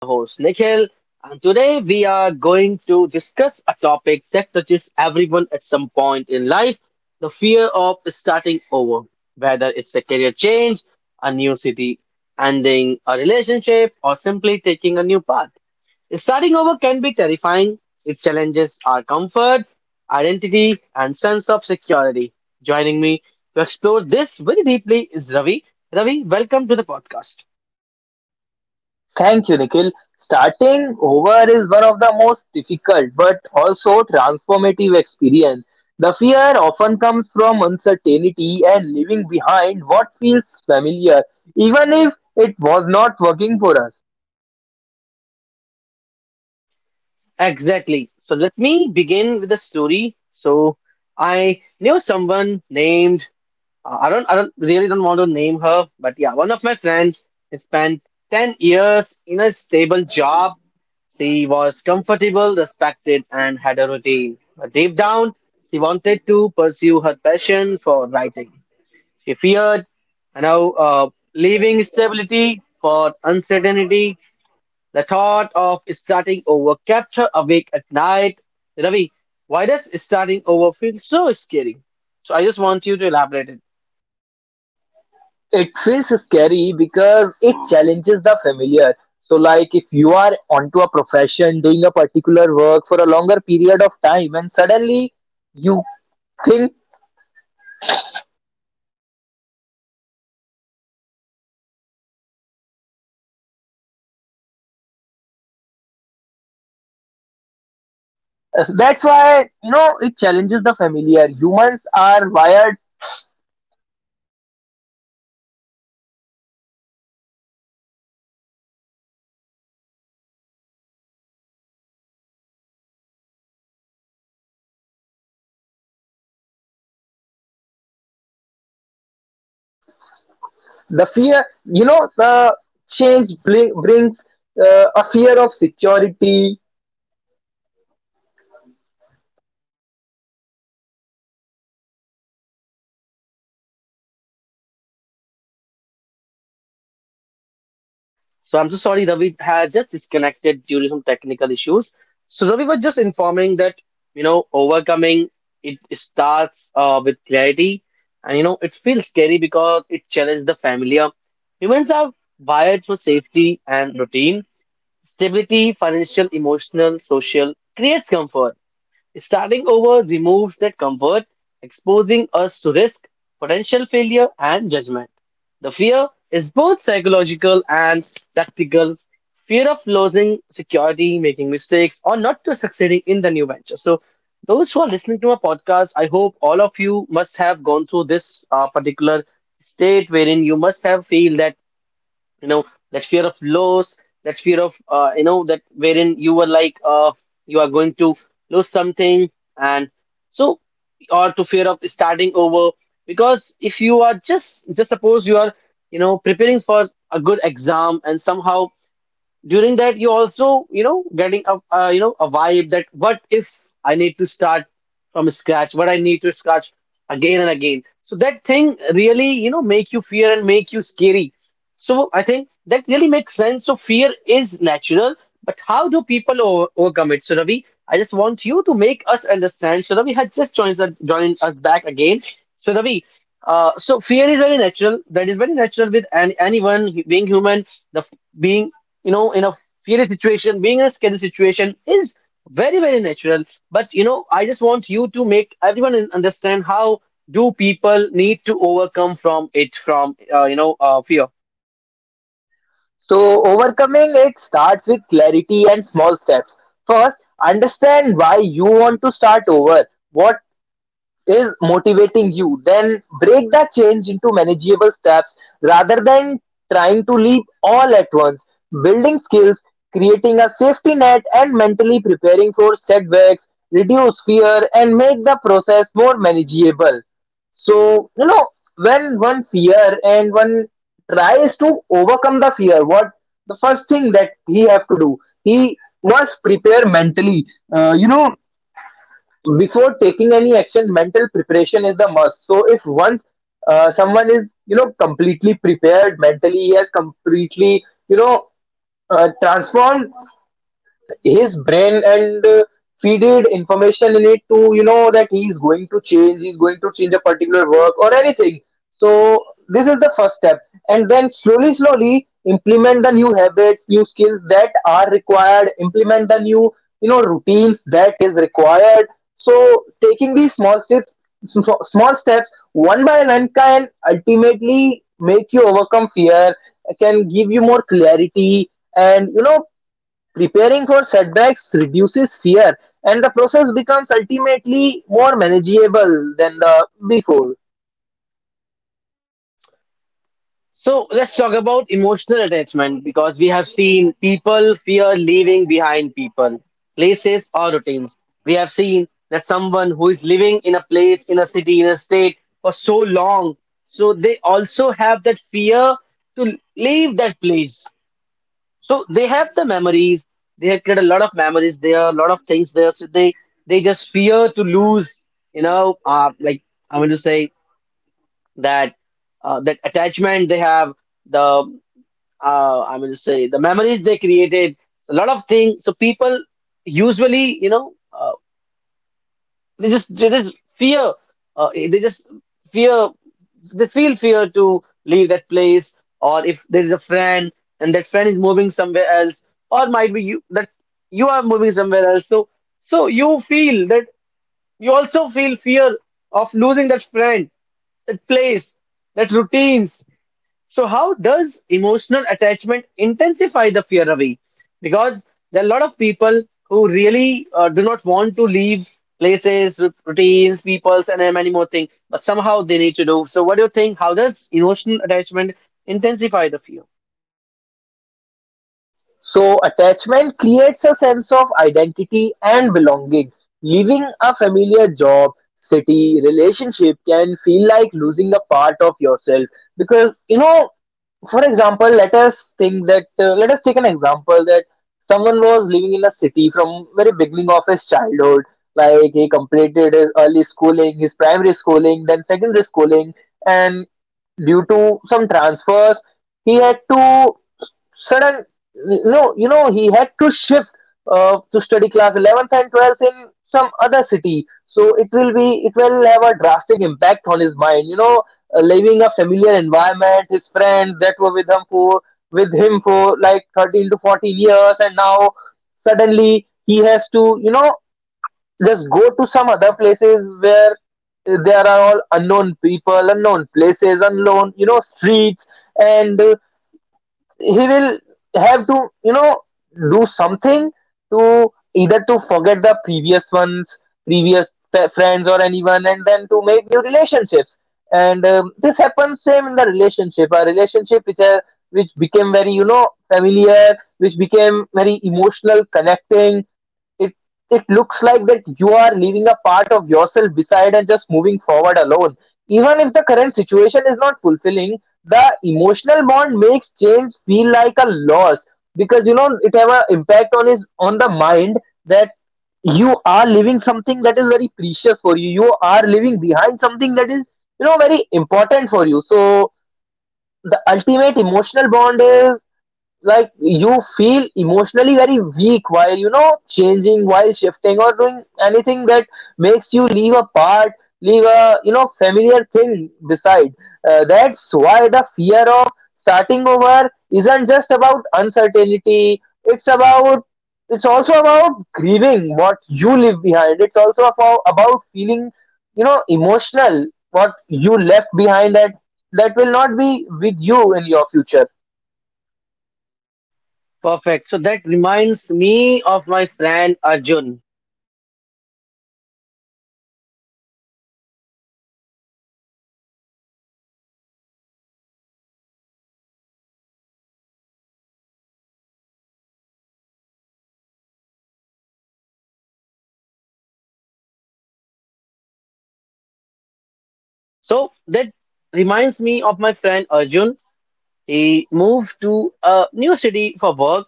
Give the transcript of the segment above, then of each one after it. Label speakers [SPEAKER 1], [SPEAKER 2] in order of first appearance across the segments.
[SPEAKER 1] The host Nikhil, and today we are going to discuss a topic that touches everyone at some point in life, the fear of starting over, whether it's a career change, a new city, ending a relationship, or simply taking a new path. Starting over can be terrifying, it challenges our comfort, identity, and sense of security. Joining me to explore this very deeply is Ravi. Ravi, welcome to the podcast.
[SPEAKER 2] Thank you, Nikhil. Starting over is one of the most difficult but also transformative experience. The fear often comes from uncertainty and leaving behind what feels familiar, even if it was not working for us.
[SPEAKER 1] Exactly. So let me begin with a story. So I knew someone named I don't really don't want to name her, but yeah, one of my friends spent 10 years in a stable job. She was comfortable, respected, and had a routine. But deep down, she wanted to pursue her passion for writing. She feared, leaving stability for uncertainty, the thought of starting over kept her awake at night. Ravi, why does starting over feel so scary? So I just want you to elaborate it.
[SPEAKER 2] It feels scary because it challenges the familiar. So, like if you are onto a profession, doing a particular work for a longer period of time, and suddenly you think that's why, you know, it challenges the familiar. Humans are wired, the fear, you know, the change brings a fear of security.
[SPEAKER 1] So I'm so sorry, Ravi had just disconnected due to some technical issues. So Ravi was just informing that, overcoming it starts with clarity and, it feels scary because it challenges the familiar. Humans are wired for safety and routine. Stability, financial, emotional, social creates comfort. Starting over removes that comfort, exposing us to risk, potential failure, and judgment. The fear is both psychological and practical. Fear of losing security, making mistakes, or not to succeeding in the new venture. So, those who are listening to my podcast, I hope all of you must have gone through this particular state wherein you must have feel that you know that fear of loss, that fear of that wherein you were like you are going to lose something, and so or to fear of starting over, because if you are just suppose you are preparing for a good exam and somehow during that you also getting a a vibe that what if I need to start from scratch, what I need to scratch again and again, so that thing really make you fear and make you scary. So I think that really makes sense. So fear is natural, but how do people overcome it? So Ravi, I just want you to make us understand. So Ravi had just joined us back again. So Ravi, so fear is very natural. That is very natural with anyone being human. The being in a fear situation, being in a scary situation is very very natural. But I just want you to make everyone understand how do people need to overcome from it from fear.
[SPEAKER 2] So, overcoming it starts with clarity and small steps. First, understand why you want to start over. What is motivating you, then break that change into manageable steps rather than trying to leap all at once. Building skills, creating a safety net, and mentally preparing for setbacks reduce fear and make the process more manageable. So, you know, when one fear and one tries to overcome the fear, what the first thing that he have to do, he must prepare mentally. You know, before taking any action mental preparation is the must. So if once someone is, you know, completely prepared mentally, he has completely, you know, transformed his brain and feeded information in it to, you know, that he's going to change a particular work or anything. So this is the first step, and then slowly slowly implement the new habits, new skills that are required, implement the new, you know, routines that is required. So taking these small steps, small steps one by one can ultimately make you overcome fear, can give you more clarity, and you know, preparing for setbacks reduces fear, and the process becomes ultimately more manageable than the before.
[SPEAKER 1] So let's talk about emotional attachment because we have seen people fear leaving behind people, places, or routines. We have seen that someone who is living in a place, in a city, in a state for so long, so they also have that fear to leave that place. So they have the memories, they have created a lot of memories there, a lot of things there. So they just fear to lose, like I want to say that that attachment they have. The I mean to say, the memories they created, a lot of things. So people usually, they just fear, uh, they just fear, they feel fear to leave that place, or if there is a friend and that friend is moving somewhere else, or might be you that you are moving somewhere else. So you feel that, you also feel fear of losing that friend, that place, that routines. So, how does emotional attachment intensify the fear away? Because there are a lot of people who really do not want to leave places, routines, peoples, and many more things, but somehow they need to do. So, what do you think? How does emotional attachment intensify the fear?
[SPEAKER 2] So, attachment creates a sense of identity and belonging. Leaving a familiar job, city, relationship can feel like losing a part of yourself because, you know, for example, let us think that let us take an example that someone was living in a city from very beginning of his childhood, like he completed his early schooling, his primary schooling, then secondary schooling, and due to some transfers, he had to sudden no, you know, he had to shift to study class 11th and 12th in some other city. So it will have a drastic impact on his mind. You know, leaving a familiar environment, his friends that were with him for like 13 to 14 years, and now suddenly he has to, you know, just go to some other places where there are all unknown people, unknown places, unknown, you know, streets. And he will have to, you know, do something to either to forget the previous friends or anyone and then to make new relationships. And this happens same in the relationship, a relationship which are, which became very, you know, familiar, which became very emotional connecting. It looks like that you are leaving a part of yourself beside and just moving forward alone. Even if the current situation is not fulfilling, the emotional bond makes change feel like a loss, because you know it have an impact on his, on the mind that you are leaving something that is very precious for you. You are leaving behind something that is, you know, very important for you. So the ultimate emotional bond is like you feel emotionally very weak while, you know, changing, while shifting or doing anything that makes you leave a you know familiar thing beside. That's why the fear of starting over isn't just about uncertainty, it's about, it's also about grieving what you leave behind, it's also about feeling, you know, emotional what you left behind, that that will not be with you in your future.
[SPEAKER 1] Perfect. So, that reminds me of my friend Arjun. So, that reminds me of my friend Arjun. He moved to a new city for work.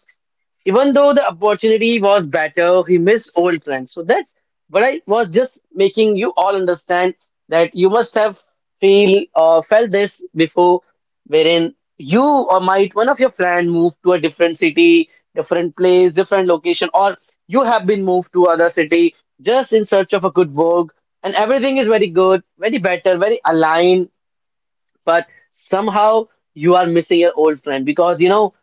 [SPEAKER 1] Even though the opportunity was better, he missed old friends. So that's what I was just making you all understand, that you must have feel or felt this before, wherein you or might one of your friend moved to a different city, different place, different location, or you have been moved to other city just in search of a good work, and everything is very good, very better, very aligned, but somehow you are missing your old friend because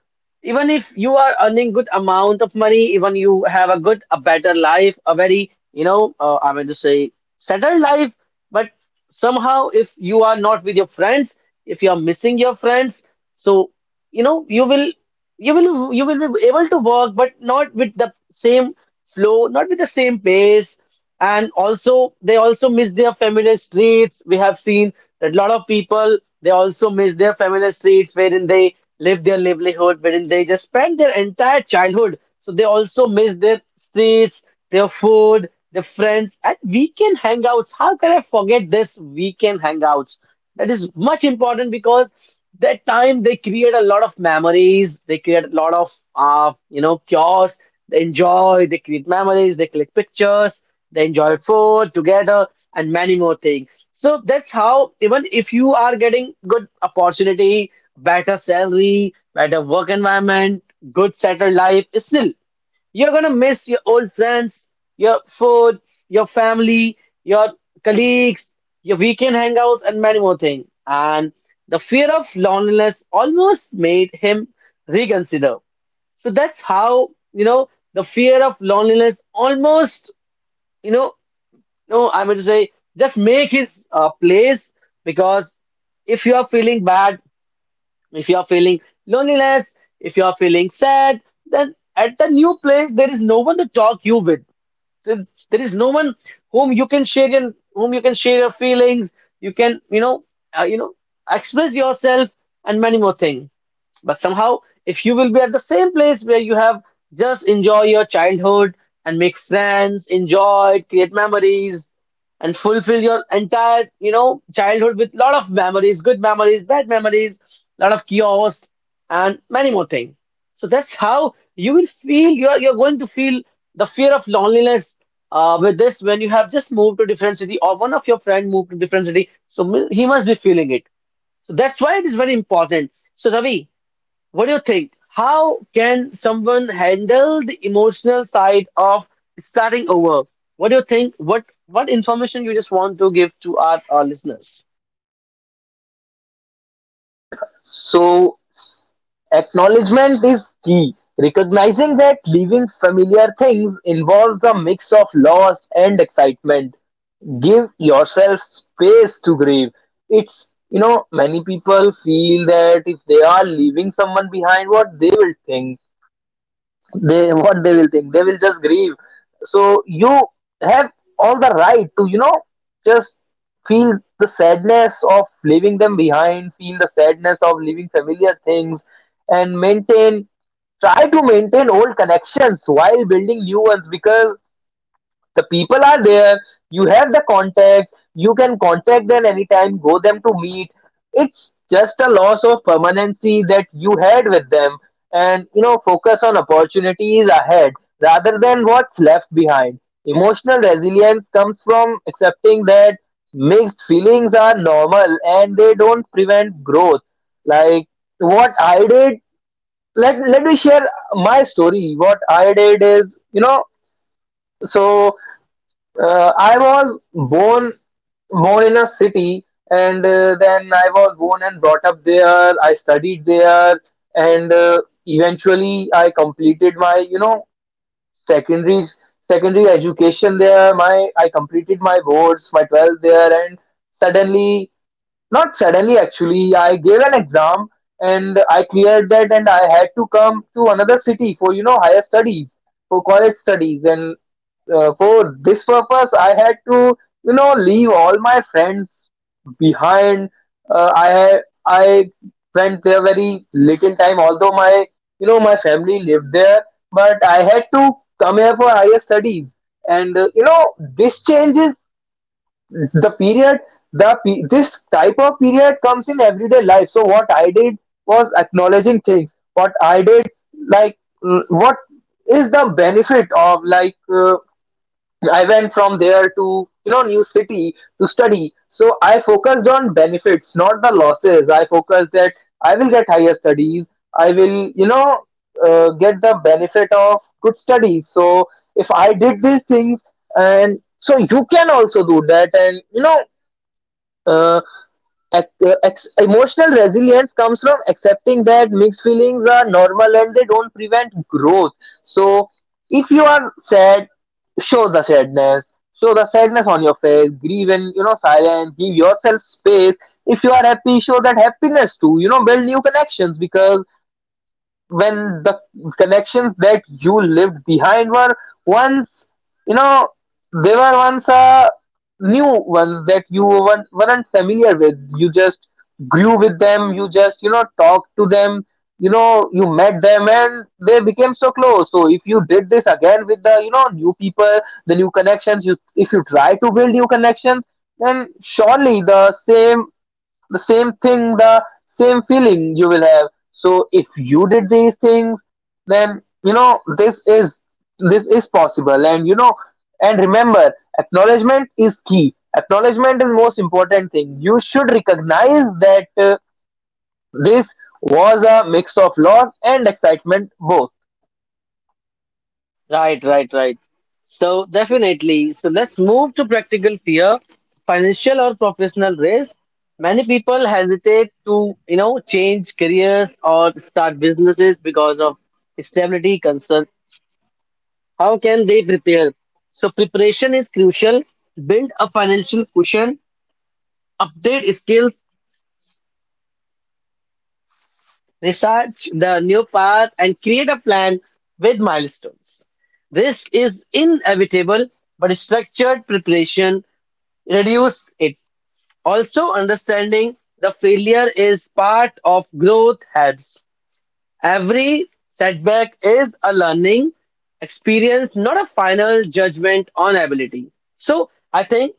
[SPEAKER 1] even if you are earning good amount of money, even you have a good, a better life, a very I mean to say, settled life, but somehow, if you are not with your friends, if you are missing your friends, so you know you will you will be able to work, but not with the same flow, not with the same pace. And also they also miss their familiar streets. We have seen that a lot of people, they also miss their familiar streets, wherein they live their livelihood, wherein they just spend their entire childhood. So they also miss their streets, their food, their friends, and weekend hangouts. How can I forget this weekend hangouts? That is much important because that time they create a lot of memories, they create a lot of chaos, they enjoy, they create memories, they click pictures, they enjoy food together, and many more things. So that's how, even if you are getting good opportunity, better salary, better work environment, good settled life, still you're going to miss your old friends, your food, your family, your colleagues, your weekend hangouts, and many more things. And the fear of loneliness almost made him reconsider. So that's how, the fear of loneliness almost, you know, no, I mean to say, just make his place. Because if you are feeling bad, if you are feeling loneliness, if you are feeling sad, then at the new place there is no one to talk you with, there is no one whom you can share your whom you can share your feelings, you can uh, you know express yourself, and many more things. But somehow, if you will be at the same place where you have just enjoy your childhood and make friends, enjoy, create memories, and fulfill your entire childhood with lot of memories, good memories, bad memories, lot of chaos, and many more things. So that's how you will feel. You're going to feel the fear of loneliness with this, when you have just moved to different city or one of your friend moved to different city. So he must be feeling it. So that's why it is very important. So Ravi, what do you think? How can someone handle the emotional side of starting over? What do you think? What information you just want to give to our listeners?
[SPEAKER 2] Jennifer. So acknowledgement is key, recognizing that leaving familiar things involves a mix of loss and excitement. Give yourself space to grieve. It's, you know, many people feel that if they are leaving someone behind, what they will think, they will just grieve. So you have all the right to, you know, just feel the sadness of leaving them behind, feel the sadness of leaving familiar things, and maintain try to maintain old connections while building new ones, because the people are there. You have the contacts. You can contact them anytime. Go them to meet. It's just a loss of permanency that you had with them, and you know focus on opportunities ahead rather than what's left behind. Emotional resilience comes from accepting that mixed feelings are normal and they don't prevent growth. Like what I did, let me share my story. What I did is, you know, so I was born in a city, and then I was born and brought up there. I studied there, and eventually I completed my, you know, secondary secondary education there. My I completed my boards, my 12th there, and suddenly not suddenly, actually, I gave an exam and I cleared that, and I had to come to another city for, you know, higher studies, for college studies, and for this purpose, I had to, you know, leave all my friends behind. Uh, I I spent there very little time, although my, you know, my family lived there, but I had to come here for higher studies, and you know this changes the period, this type of period comes in everyday life. So what I did was acknowledging things. What I did, like, what is the benefit of, like, I went from there to, you know, new city to study, so I focused on benefits, not the losses. I focused that I will get higher studies, I will, you know, get the benefit of good studies. So if I did these things, and so you can also do that. And you know, uh, emotional resilience comes from accepting that mixed feelings are normal and they don't prevent growth. So, if you are sad, show the sadness, show the sadness on your face, grieve in, you know, silence, give yourself space. If you are happy, show that happiness too. You know, build new connections because when the connections that you lived behind were once, you know, they were once new ones that you weren't familiar with. You just grew with them, you just, you know, talked to them, you know, you met them, and they became so close. So if you did this again with the, you know, new people, the new connections, you, if you try to build new connections, then surely the same thing, the same feeling you will have. So if you did these things, then you know this is possible. And you know, and remember, acknowledgement is key. Acknowledgement is most important thing. You should recognize that this was a mix of loss and excitement both.
[SPEAKER 1] Right, right, right. So definitely. So let's move to practical fear, financial or professional risk. Many people hesitate to, change careers or start businesses because of stability concerns. How can they prepare? So preparation is crucial. Build a financial cushion, update skills, research the new path, and create a plan with milestones. This is inevitable, but structured preparation reduce it. Also, understanding the failure is part of growth helps. Every setback is a learning experience, not a final judgment on ability. So I think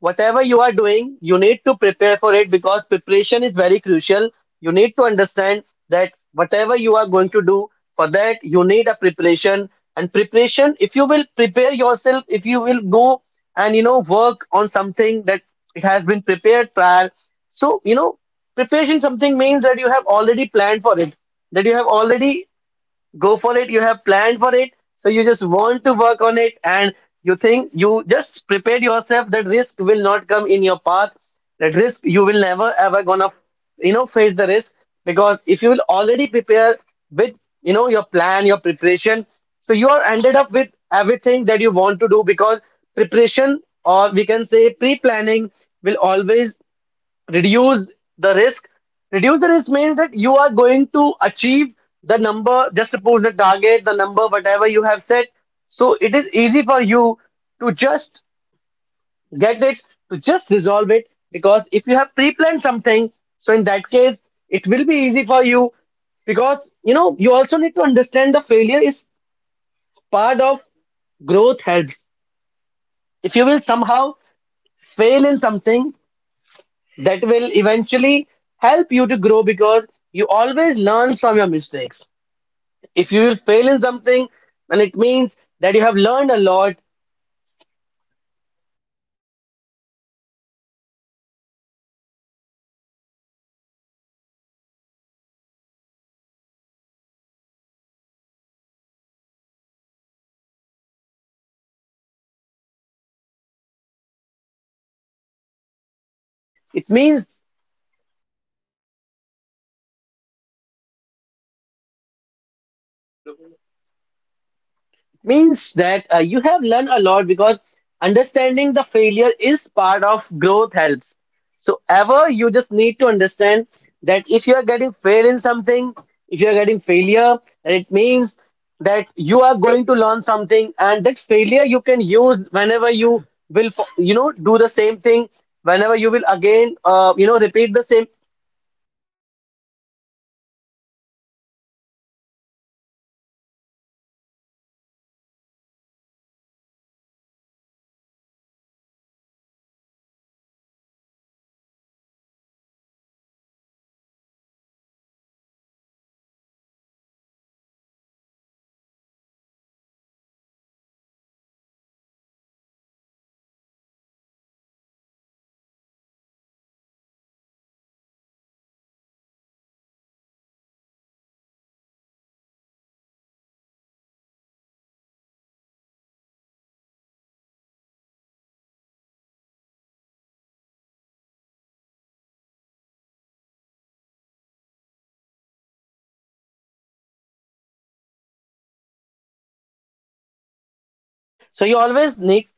[SPEAKER 1] whatever you are doing, you need to prepare for it because preparation is very crucial. You need to understand that whatever you are going to do, for that you need a preparation. And preparation, if you will prepare yourself, if you will go and work on something that it has been prepared prior. So preparation something means that you have already planned for it, that you have already go for it, you have planned for it, so you just want to work on it, and you think you just prepare yourself that risk will not come in your path, that risk you will never ever gonna face the risk. Because if you will already prepare with your plan, your preparation, so you are ended up with everything that you want to do, because preparation, or we can say pre-planning, will always reduce the risk. Reduce the risk means that you are going to achieve the number, just suppose the target, the number, whatever you have set. So it is easy for you to just get it, to just resolve it. Because if you have pre planned something, so in that case, it will be easy for you. Because you know, you also need to understand the failure is part of growth helps. If you will somehow fail in something, that will eventually help you to grow because you always learn from your mistakes. If you will fail in something, then it means that you have learned a lot. It means that you have learned a lot because understanding the failure is part of growth helps so ever you just need to understand that if you are getting fail in something, if you are getting failure, then it means that you are going to learn something, and that failure you can use whenever you will do the same thing, whenever you will again repeat the same. so you always need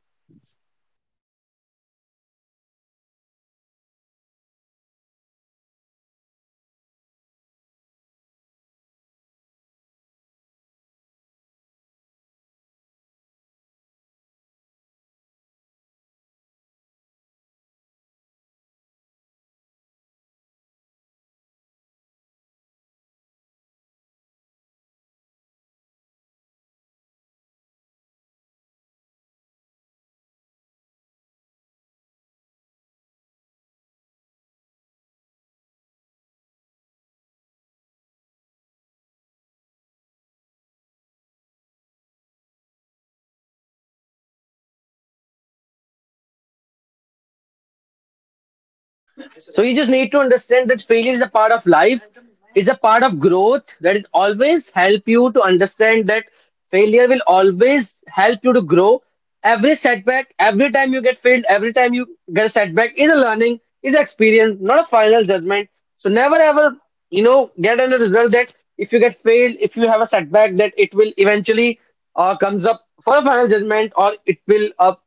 [SPEAKER 1] So you just need to understand that failure is a part of life, is a part of growth, that it always help you to understand that failure will always help you to grow. Every setback, every time you get failed, every time you get a setback is a learning, is experience, not a final judgment. So never ever, get a result that if you get failed, if you have a setback, that it will eventually comes up for a final judgment, or it will up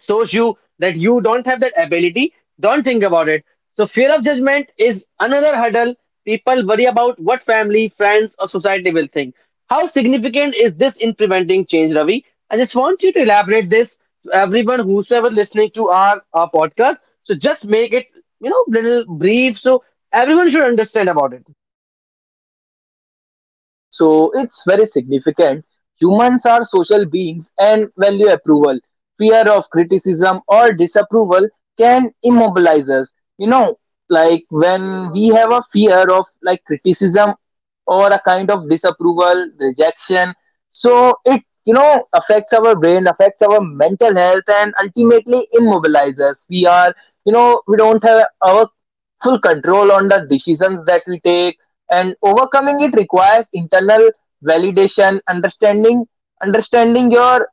[SPEAKER 1] shows you that you don't have that ability, don't think about it. So, fear of judgment is another hurdle. People worry about what family, friends, or society will think. How significant is this in preventing change, Ravi? I just want you to elaborate this to everyone whosoever listening to our podcast. So, just make it, you know, little brief so everyone should understand about it.
[SPEAKER 2] So it's very significant. Humans are social beings and value approval. Fear of criticism or disapproval can immobilize us. You know, like when we have a fear of like criticism or a kind of disapproval, rejection, so it, you know, affects our brain, affects our mental health, and ultimately immobilizes us. We are, you know, we don't have our full control on the decisions that we take, and overcoming it requires internal validation, understanding your,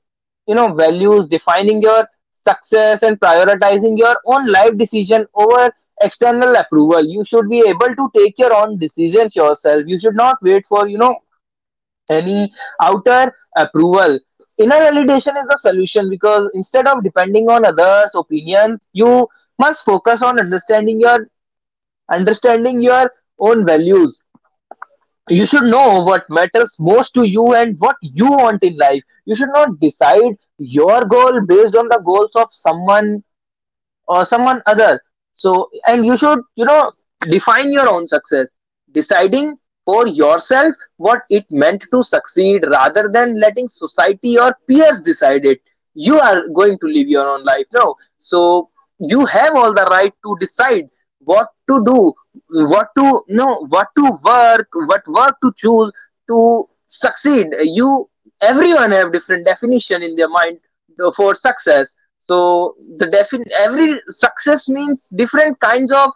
[SPEAKER 2] you know, values, defining your success, and prioritizing your own life decision over external approval. You should be able to take your own decisions yourself, you should not wait for, you know, any outer approval. Inner validation is the solution because instead of depending on others opinions, you must focus on understanding your own values. You should know what matters most to you and what you want in life. You should not decide your goal based on the goals of someone or someone other. So and you should, you know, define your own success, deciding for yourself what it meant to succeed rather than letting society or peers decide it. You are going to live your own life now, so you have all the right to decide what to do, what to know, what to work, what work to choose. To succeed, you, everyone have different definition in their mind for success. So the defin every success means different kinds of,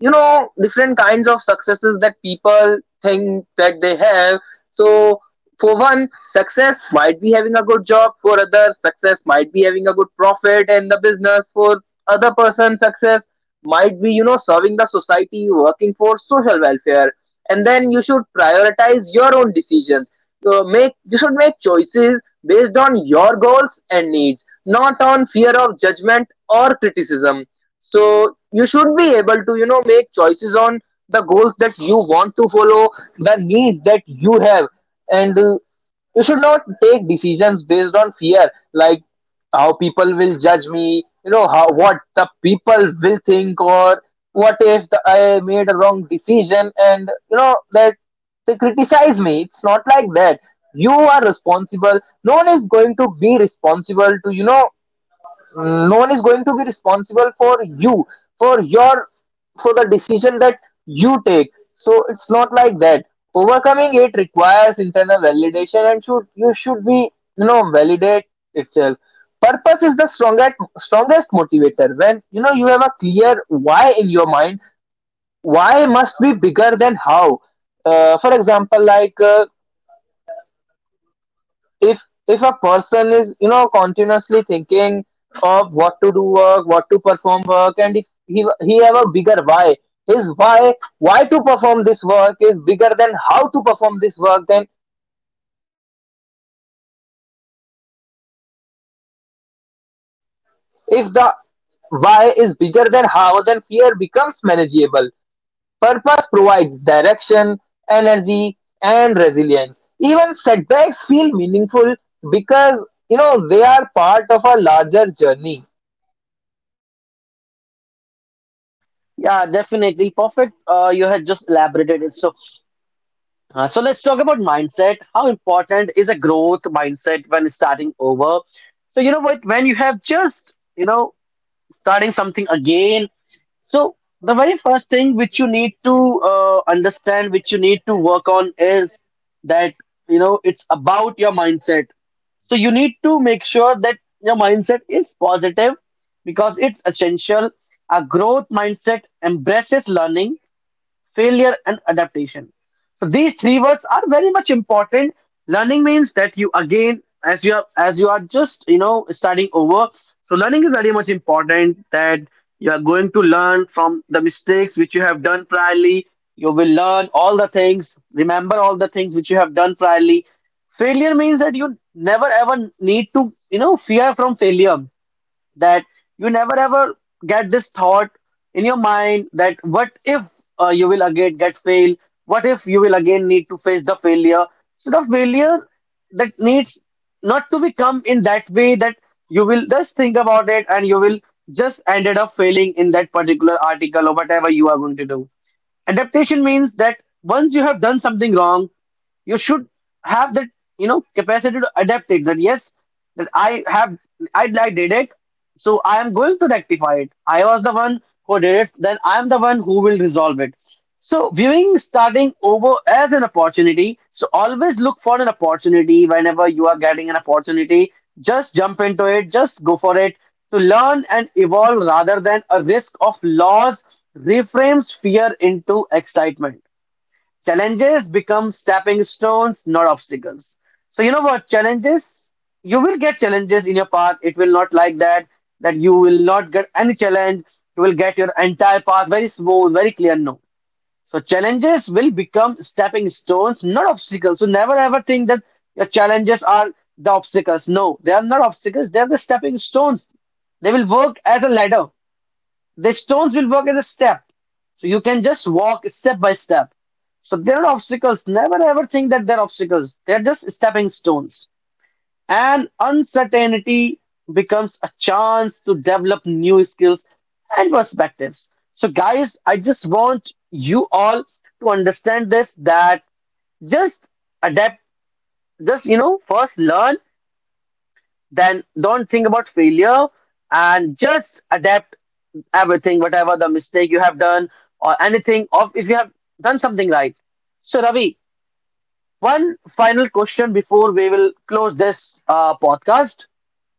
[SPEAKER 2] you know, different kinds of successes that people think that they have. So for one, success might be having a good job, for others, success might be having a good profit in the business, for other person, success might be, you know, serving the society, working for social welfare. And then you should prioritize your own decisions. So make you should make choices based on your goals and needs, not on fear of judgment or criticism. So you should be able to, you know, make choices on the goals that you want to follow, the needs that you have, and you should not take decisions based on fear, like how people will judge me, you know, how what the people will think, or what if the, I made a wrong decision, and you know that they criticize me. It's not like that. You are responsible. No one is going to be responsible to, you know, no one is going to be responsible for you, for your, for the decision that you take. So it's not like that. Overcoming it requires internal validation and should, you should be, you know, validate itself. Purpose is the strongest motivator. When you know you have a clear why in your mind, why must be bigger than how. For example, like, if if a person is, you know, continuously thinking of what to do work, what to perform work, and if he have a bigger why, his why to perform this work is bigger than how to perform this work, then if the why is bigger than how, then fear becomes manageable. Purpose provides direction, energy, and resilience. Even setbacks feel meaningful because, you know, they are part of a larger journey.
[SPEAKER 1] Yeah, definitely. Perfect. You had just elaborated it so so let's talk about mindset. How important is a growth mindset when starting over? So you know what, when you have just you know starting something again. So the very first thing which you need to understand, which you need to work on, is that you know it's about your mindset. So you need to make sure that your mindset is positive because it's essential. A growth mindset embraces learning, failure, and adaptation, so these three words are very much important. Learning means that you again, as you are just you know starting over, so learning is very much important that you are going to learn from the mistakes which you have done priorly. You will learn all the things, remember all the things which you have done priorly. Failure means that you never ever need to you know fear from failure, that you never ever get this thought in your mind that what if you will again get fail, what if you will again need to face the failure. So the failure that needs not to become in that way, that you will just think about it and you will just ended up failing in that particular article or whatever you are going to do. Adaptation means that once you have done something wrong, you should have that you know capacity to adapt it. That yes, that I did it, so I am going to rectify it. I was the one who did it, then I am the one who will resolve it. So viewing starting over as an opportunity, so always look for an opportunity. Whenever you are getting an opportunity, just jump into it, just go for it, to learn and evolve rather than a risk of loss reframes fear into excitement. Challenges become stepping stones, not obstacles. So you know what? Challenges, you will get challenges in your path. It will not like that, that you will not get any challenge. You will get your entire path very smooth, very clear. No. So challenges will become stepping stones, not obstacles. So never ever think that your challenges are the obstacles. No, they are not obstacles, they are the stepping stones. They will work as a ladder. The stones will work as a step. So you can just walk step by step. So they're not obstacles. Never ever think that they're obstacles. They're just stepping stones. And uncertainty becomes a chance to develop new skills and perspectives. So, guys, I just want you all to understand this, that just adapt, just, you know, first learn, then don't think about failure and just adapt everything, whatever the mistake you have done or anything of if you have done something right. So Ravi, one final question before we will close this podcast.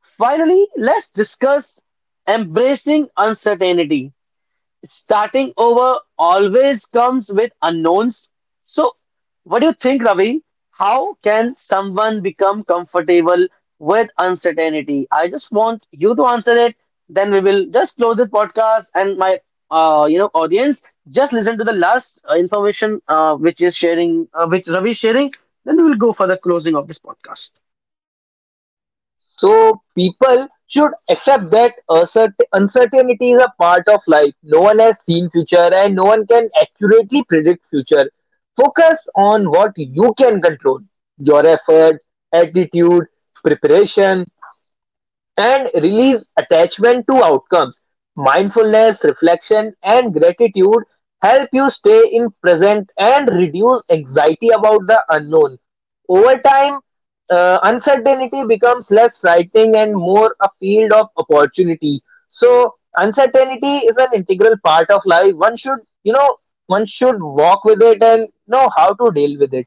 [SPEAKER 1] Finally, let's discuss embracing uncertainty. Starting over always comes with unknowns. So, what do you think, Ravi? How can someone become comfortable with uncertainty? I just want you to answer it. Then we will just close the podcast, and my you know audience just listen to the last information which is sharing, which Ravi is sharing. Then we will go for the closing of this podcast.
[SPEAKER 2] So people should accept that uncertainty is a part of life. No one has seen future and no one can accurately predict future. Focus on what you can control. Your effort, attitude, preparation, and release attachment to outcomes. Mindfulness, reflection, and gratitude help you stay in present and reduce anxiety about the unknown. Over time, uncertainty becomes less frightening and more a field of opportunity. So, uncertainty is an integral part of life. One should, you know, one should walk with it and know how to deal with it.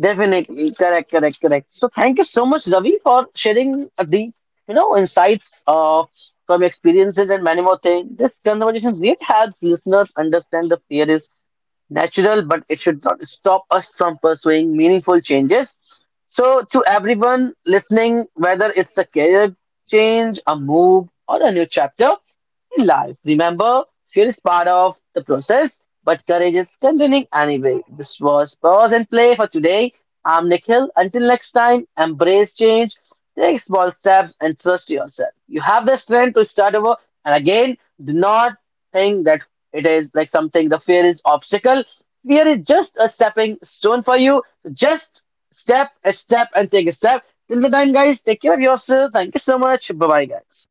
[SPEAKER 1] Definitely, correct, correct, correct. So thank you so much, Ravi, for sharing the you know insights, from experiences and many more things. This conversation really helps listeners understand the fear natural, but it should not stop us from pursuing meaningful changes. So, to everyone listening, whether it's a career change, a move, or a new chapter in life, remember fear is part of the process, but courage is continuing anyway. This was Pause and Play for today. I'm Nikhil. Until next time, embrace change, take small steps, and trust yourself. You have the strength to start over. And again, do not think that it is like something, the fear is obstacle. Fear is just a stepping stone for you. Just step a step and take a step. Till the time, guys, take care of yourself. Thank you so much. Bye bye, guys.